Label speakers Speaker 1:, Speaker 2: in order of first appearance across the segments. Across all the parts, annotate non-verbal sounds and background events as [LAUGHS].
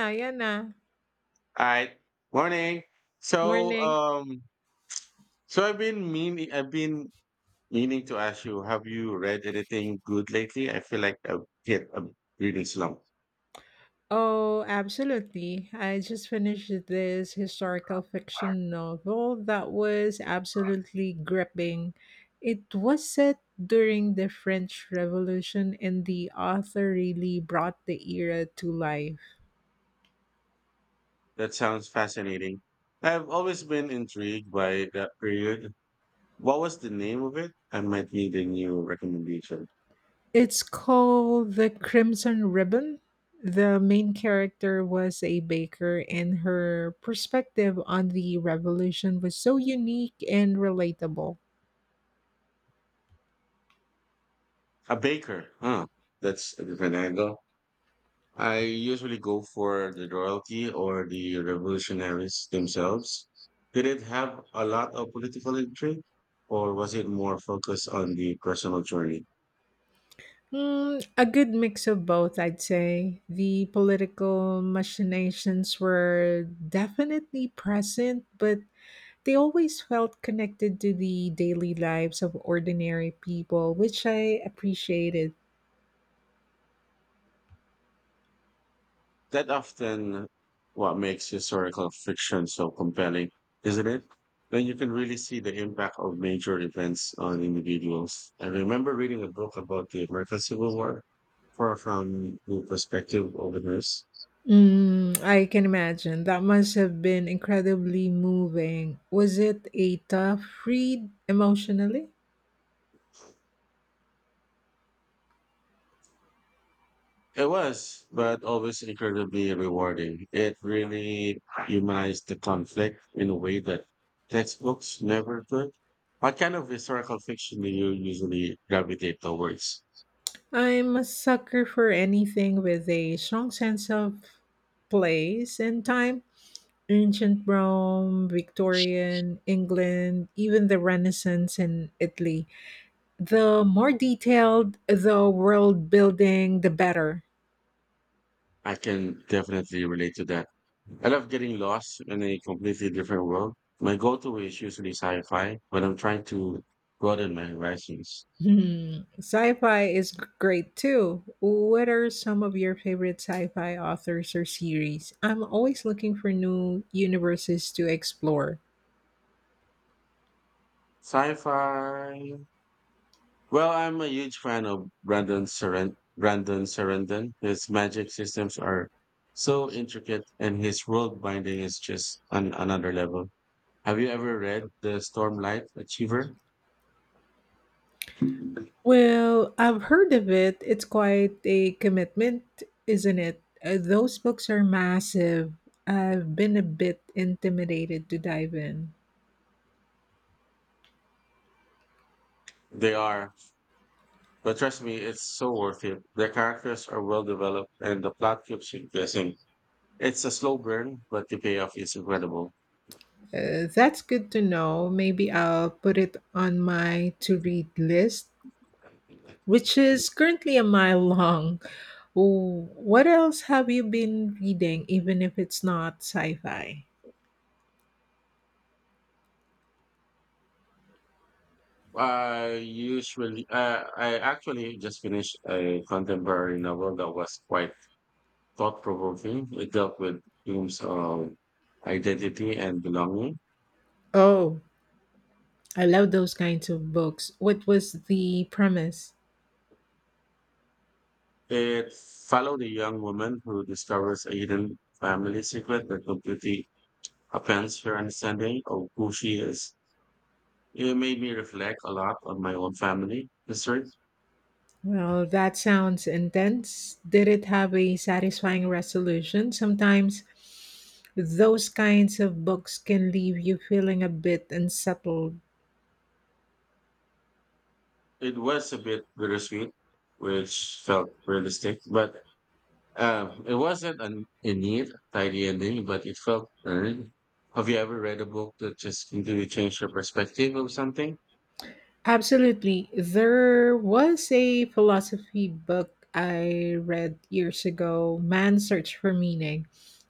Speaker 1: Ayan na.
Speaker 2: Hi, morning. So,
Speaker 1: Morning.
Speaker 2: um, so I've been meaning to ask you, have you read anything good lately? I feel like I've hit a reading slump.
Speaker 1: Oh, absolutely. I just finished this historical fiction novel that was absolutely gripping. It was set during the French Revolution, and the author really brought the era to life.
Speaker 2: That sounds fascinating. I've always been intrigued by that period. What was the name of it? I might need a new recommendation.
Speaker 1: It's called The Crimson Ribbon. The main character was a baker, and her perspective on the revolution was so unique and relatable.
Speaker 2: A baker, huh? That's a different angle. I usually go for the royalty or the revolutionaries themselves. Did it have a lot of political intrigue, or was it more focused on the personal journey?
Speaker 1: Mm, a good mix of both, I'd say. The political machinations were definitely present, but they always felt connected to the daily lives of ordinary people, which I appreciated.
Speaker 2: That often what makes historical fiction so compelling, isn't it? When you can really see the impact of major events on individuals. I remember reading a book about the American Civil War, far from the perspective of the nurse.
Speaker 1: Mm, I can imagine. That must have been incredibly moving. Was it a tough read emotionally?
Speaker 2: It was, but always incredibly rewarding. It really humanized the conflict in a way that textbooks never could. What kind of historical fiction do you usually gravitate towards?
Speaker 1: I'm a sucker for anything with a strong sense of place and time. Ancient Rome, Victorian, England, even the Renaissance in Italy. The more detailed the world building, the better.
Speaker 2: I can definitely relate to that. I love getting lost in a completely different world. My go-to is usually sci-fi, but I'm trying to broaden my horizons.
Speaker 1: [LAUGHS] Hmm. Sci-fi is great too. What are some of your favorite sci-fi authors or series? I'm always looking for new universes to explore.
Speaker 2: Sci-fi. Well, I'm a huge fan of Brandon Sarandon. His magic systems are so intricate, and his world binding is just on another level. Have you ever read The Stormlight Achiever?
Speaker 1: Well, I've heard of it. It's quite a commitment, isn't it? Those books are massive. I've been a bit intimidated to dive in.
Speaker 2: They are, but trust me, it's so worth it. The characters are well developed, and the plot keeps you guessing. It's a slow burn, but the payoff is incredible.
Speaker 1: That's good to know. Maybe I'll put it on my to read list, which is currently a mile long. What else have you been reading, even if it's not sci fi?
Speaker 2: I actually just finished a contemporary novel that was quite thought provoking. It dealt with themes of identity and belonging.
Speaker 1: Oh, I love those kinds of books. What was the premise?
Speaker 2: It followed a young woman who discovers a hidden family secret that completely upends her understanding of who she is. It made me reflect a lot on my own family history.
Speaker 1: Well, that sounds intense. Did it have a satisfying resolution? Sometimes those kinds of books can leave you feeling a bit unsettled.
Speaker 2: It was a bit bittersweet, which felt realistic, but it wasn't an, a neat, tidy ending, but it felt earned. Have you ever read a book that just completely changed your perspective of something?
Speaker 1: Absolutely. There was a philosophy book I read years ago, Man's Search for Meaning,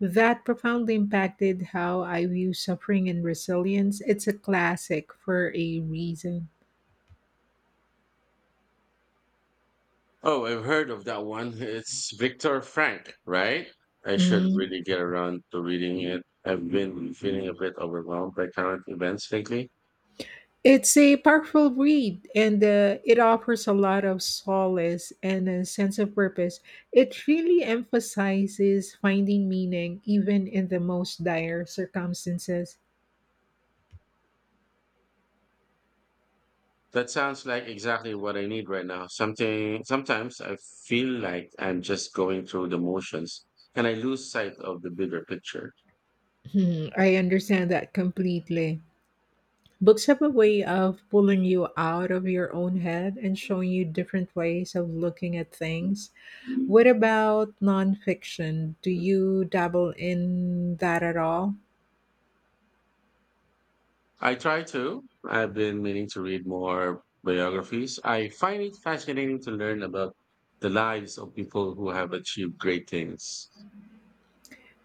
Speaker 1: that profoundly impacted how I view suffering and resilience. It's a classic for a reason.
Speaker 2: Oh, I've heard of that one. It's Viktor Frank, right? I should
Speaker 1: Mm.
Speaker 2: really get around to reading it. I've been feeling a bit overwhelmed by current events lately.
Speaker 1: It's a powerful read, and it offers a lot of solace and a sense of purpose. It really emphasizes finding meaning even in the most dire circumstances.
Speaker 2: That sounds like exactly what I need right now. Something sometimes I feel like I'm just going through the motions and I lose sight of the bigger picture.
Speaker 1: Hmm, I understand that completely. Books have a way of pulling you out of your own head and showing you different ways of looking at things. What about nonfiction? Do you dabble in that at all?
Speaker 2: I try to. I've been meaning to read more biographies. I find it fascinating to learn about the lives of people who have achieved great things.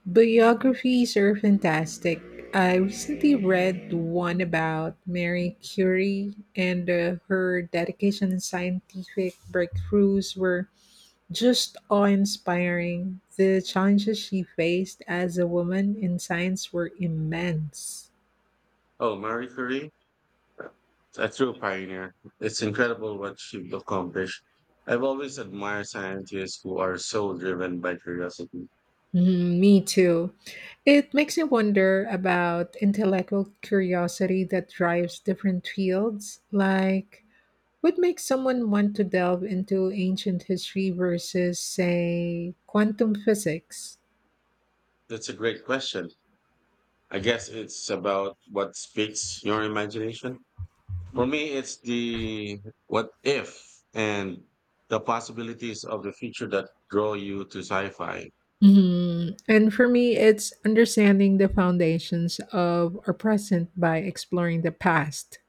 Speaker 1: Biographies are fantastic. I recently read one about Mary Curie, and her dedication and scientific breakthroughs were just awe-inspiring. The challenges she faced as a woman in science were immense.
Speaker 2: Oh, Marie Curie, a true pioneer. It's incredible what she accomplished. I've always admired scientists who are so driven by curiosity.
Speaker 1: Mm, me too. It makes me wonder about intellectual curiosity that drives different fields. Like, what makes someone want to delve into ancient history versus, say, quantum physics?
Speaker 2: That's a great question. I guess it's about what speaks your imagination. For me, it's the what if and the possibilities of the future that draw you to sci fi.
Speaker 1: Mhm. And for me, it's understanding the foundations of our present by exploring the past.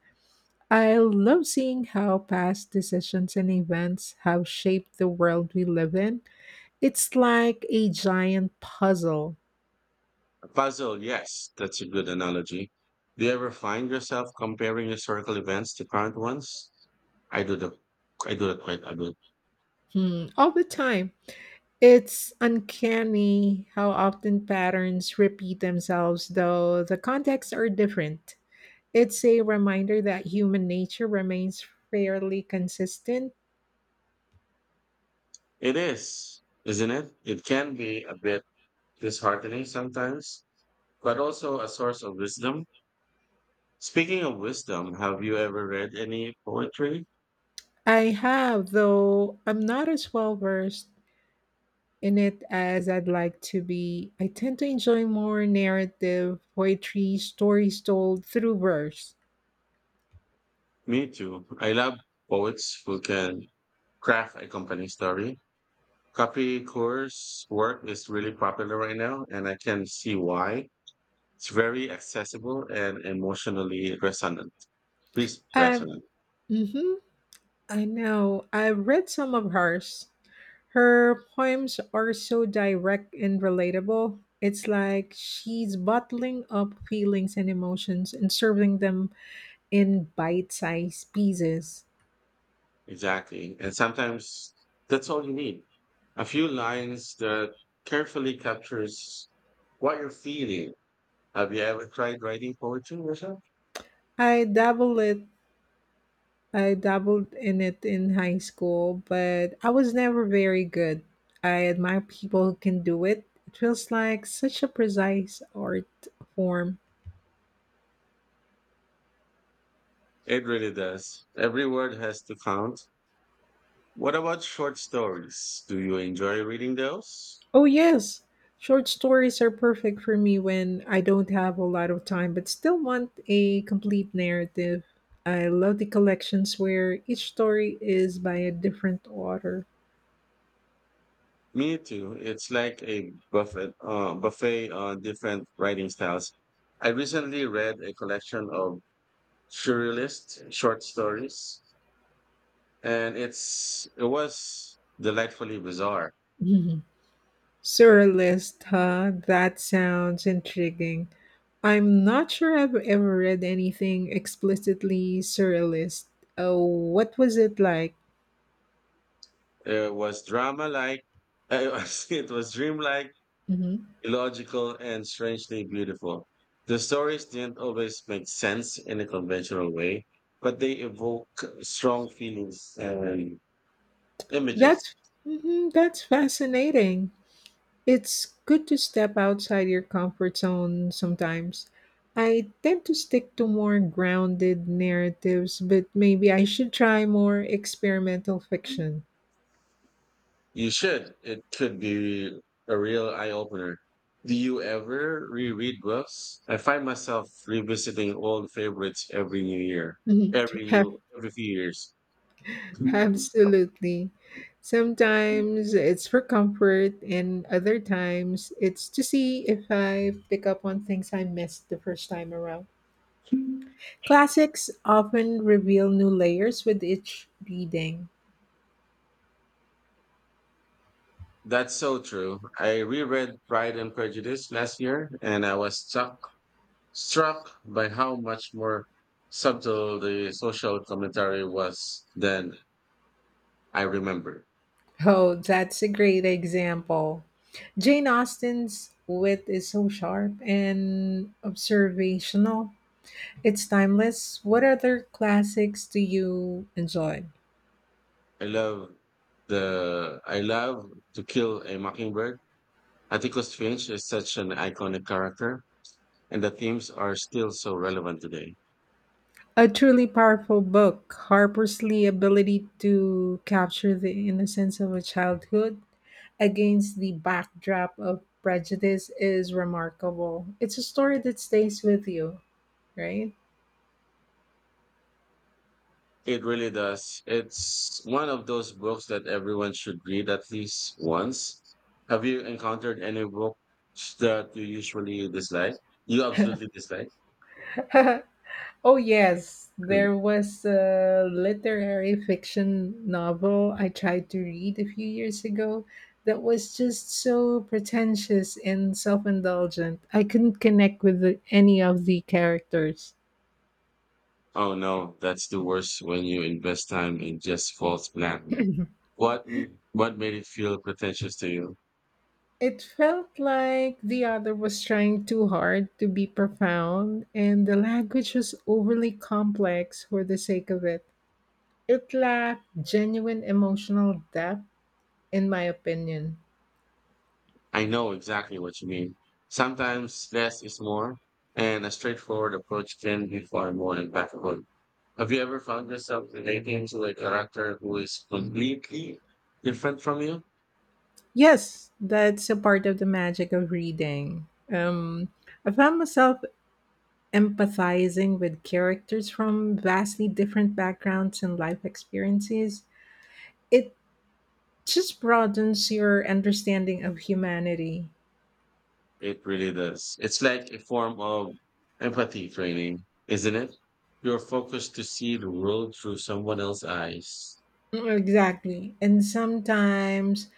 Speaker 1: I love seeing how past decisions and events have shaped the world we live in. It's like a giant puzzle.
Speaker 2: A puzzle, yes, that's a good analogy. Do you ever find yourself comparing historical events to current ones? I do the I do that quite a bit.
Speaker 1: Hmm, all the time. It's uncanny how often patterns repeat themselves, though the contexts are different. It's a reminder that human nature remains fairly consistent.
Speaker 2: It is, isn't it? It can be a bit disheartening sometimes, but also a source of wisdom. Speaking of wisdom, have you ever read any poetry?
Speaker 1: I have, though I'm not as well versed in it as I'd like to be. I tend to enjoy more narrative poetry, stories told through verse.
Speaker 2: Me too. I love poets who can craft a company story. Copy course work is really popular right now, and I can see why. It's very accessible and emotionally resonant. Please
Speaker 1: Uh,
Speaker 2: resonant.
Speaker 1: mm-hmm, I know. I've read some of hers. Her poems are so direct and relatable. It's like she's bottling up feelings and emotions and serving them in bite sized pieces.
Speaker 2: Exactly. And sometimes that's all you need. A few lines that carefully captures what you're feeling. Have you ever tried writing poetry yourself?
Speaker 1: I dabble it I dabbled in it in high school, but I was never very good. I admire people who can do it. It feels like such a precise art form.
Speaker 2: It really does. Every word has to count. What about short stories? Do you enjoy reading those?
Speaker 1: Oh, yes. Short stories are perfect for me when I don't have a lot of time but still want a complete narrative. I love the collections where each story is by a different author.
Speaker 2: Me too. It's like a buffet on different writing styles. I recently read a collection of surrealist short stories and it was delightfully bizarre.
Speaker 1: [LAUGHS] Surrealist, huh? That sounds intriguing. I'm not sure I've ever read anything explicitly surrealist. Oh, what was it like?
Speaker 2: It was drama like, [LAUGHS] it was dreamlike,
Speaker 1: Hmm.
Speaker 2: illogical, and strangely beautiful. The stories didn't always make sense in a conventional way, but they evoke strong feelings and images.
Speaker 1: That's mhm, that's fascinating. It's good to step outside your comfort zone sometimes. I tend to stick to more grounded narratives, but maybe I should try more experimental fiction.
Speaker 2: You should. It could be a real eye opener. Do you ever reread books? I find myself revisiting old favorites
Speaker 1: Mhm.
Speaker 2: every
Speaker 1: Have
Speaker 2: every few years.
Speaker 1: Absolutely. Sometimes it's for comfort, and other times it's to see if I pick up on things I missed the first time around. Classics often reveal new layers with each reading.
Speaker 2: That's so true. I reread Pride and Prejudice last year, and I was struck by how much more subtle the social commentary was than I remember.
Speaker 1: Oh, that's a great example. Jane Austen's wit is so sharp and observational. It's timeless. What other classics do you enjoy?
Speaker 2: I love I love to kill a mockingbird. Atticus Finch is such an iconic character, and the themes are still so relevant today.
Speaker 1: A truly powerful book. Harper's Lee ability to capture the innocence of a childhood against the backdrop of prejudice is remarkable. It's a story that stays with you, right?
Speaker 2: It really does. It's one of those books that everyone should read at least once. Have you encountered any books that you usually dislike? You absolutely dislike? [LAUGHS]
Speaker 1: [LAUGHS] Oh yes,
Speaker 2: Hmm.
Speaker 1: there was a literary fiction novel I tried to read a few years ago that was just so pretentious and self-indulgent. I couldn't connect with any of the characters.
Speaker 2: Oh no, that's the worst when you invest time in just false flat.
Speaker 1: [CLEARS THROAT]
Speaker 2: What made it feel pretentious to you?
Speaker 1: It felt like the other was trying too hard to be profound, and the language was overly complex for the sake of it. It lacked genuine emotional depth, in my opinion.
Speaker 2: I know exactly what you mean. Sometimes less is more, and a straightforward approach can be far more impactful. Have you ever found yourself relating to a character who is completely different from you?
Speaker 1: Yes, that's a part of the magic of reading. I found myself empathizing with characters from vastly different backgrounds and life experiences. It just broadens your understanding of humanity.
Speaker 2: It really does. It's like a form of empathy training, isn't it? You're focused to see the world through someone else's eyes.
Speaker 1: Exactly. And sometimes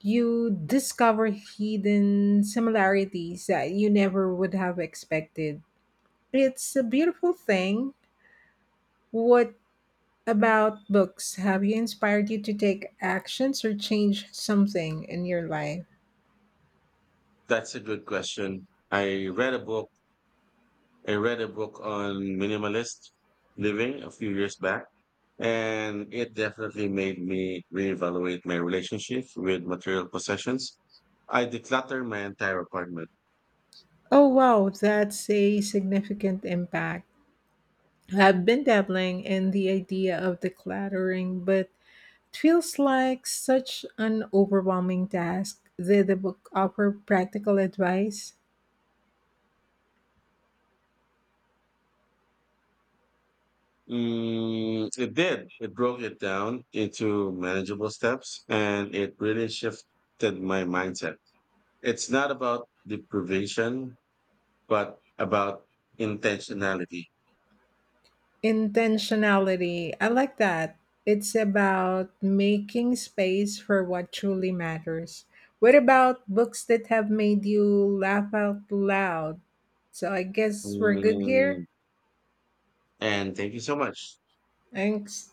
Speaker 1: you discover hidden similarities that you never would have expected. It's a beautiful thing. What about books? Have you inspired you to take actions or change something in your life?
Speaker 2: That's a good question. I read a book on minimalist living a few years back, and it definitely made me reevaluate my relationship with material possessions. I decluttered my entire apartment.
Speaker 1: Oh, wow, that's a significant impact. I've been dabbling in the idea of decluttering, but it feels like such an overwhelming task. Did the book offer practical advice?
Speaker 2: Mm, it did. It broke it down into manageable steps, and it really shifted my mindset. It's not about deprivation, but about intentionality.
Speaker 1: Intentionality. I like that. It's about making space for what truly matters. What about books that have made you laugh out loud? So I guess we're good here.
Speaker 2: Mm, and thank you so much.
Speaker 1: Thanks.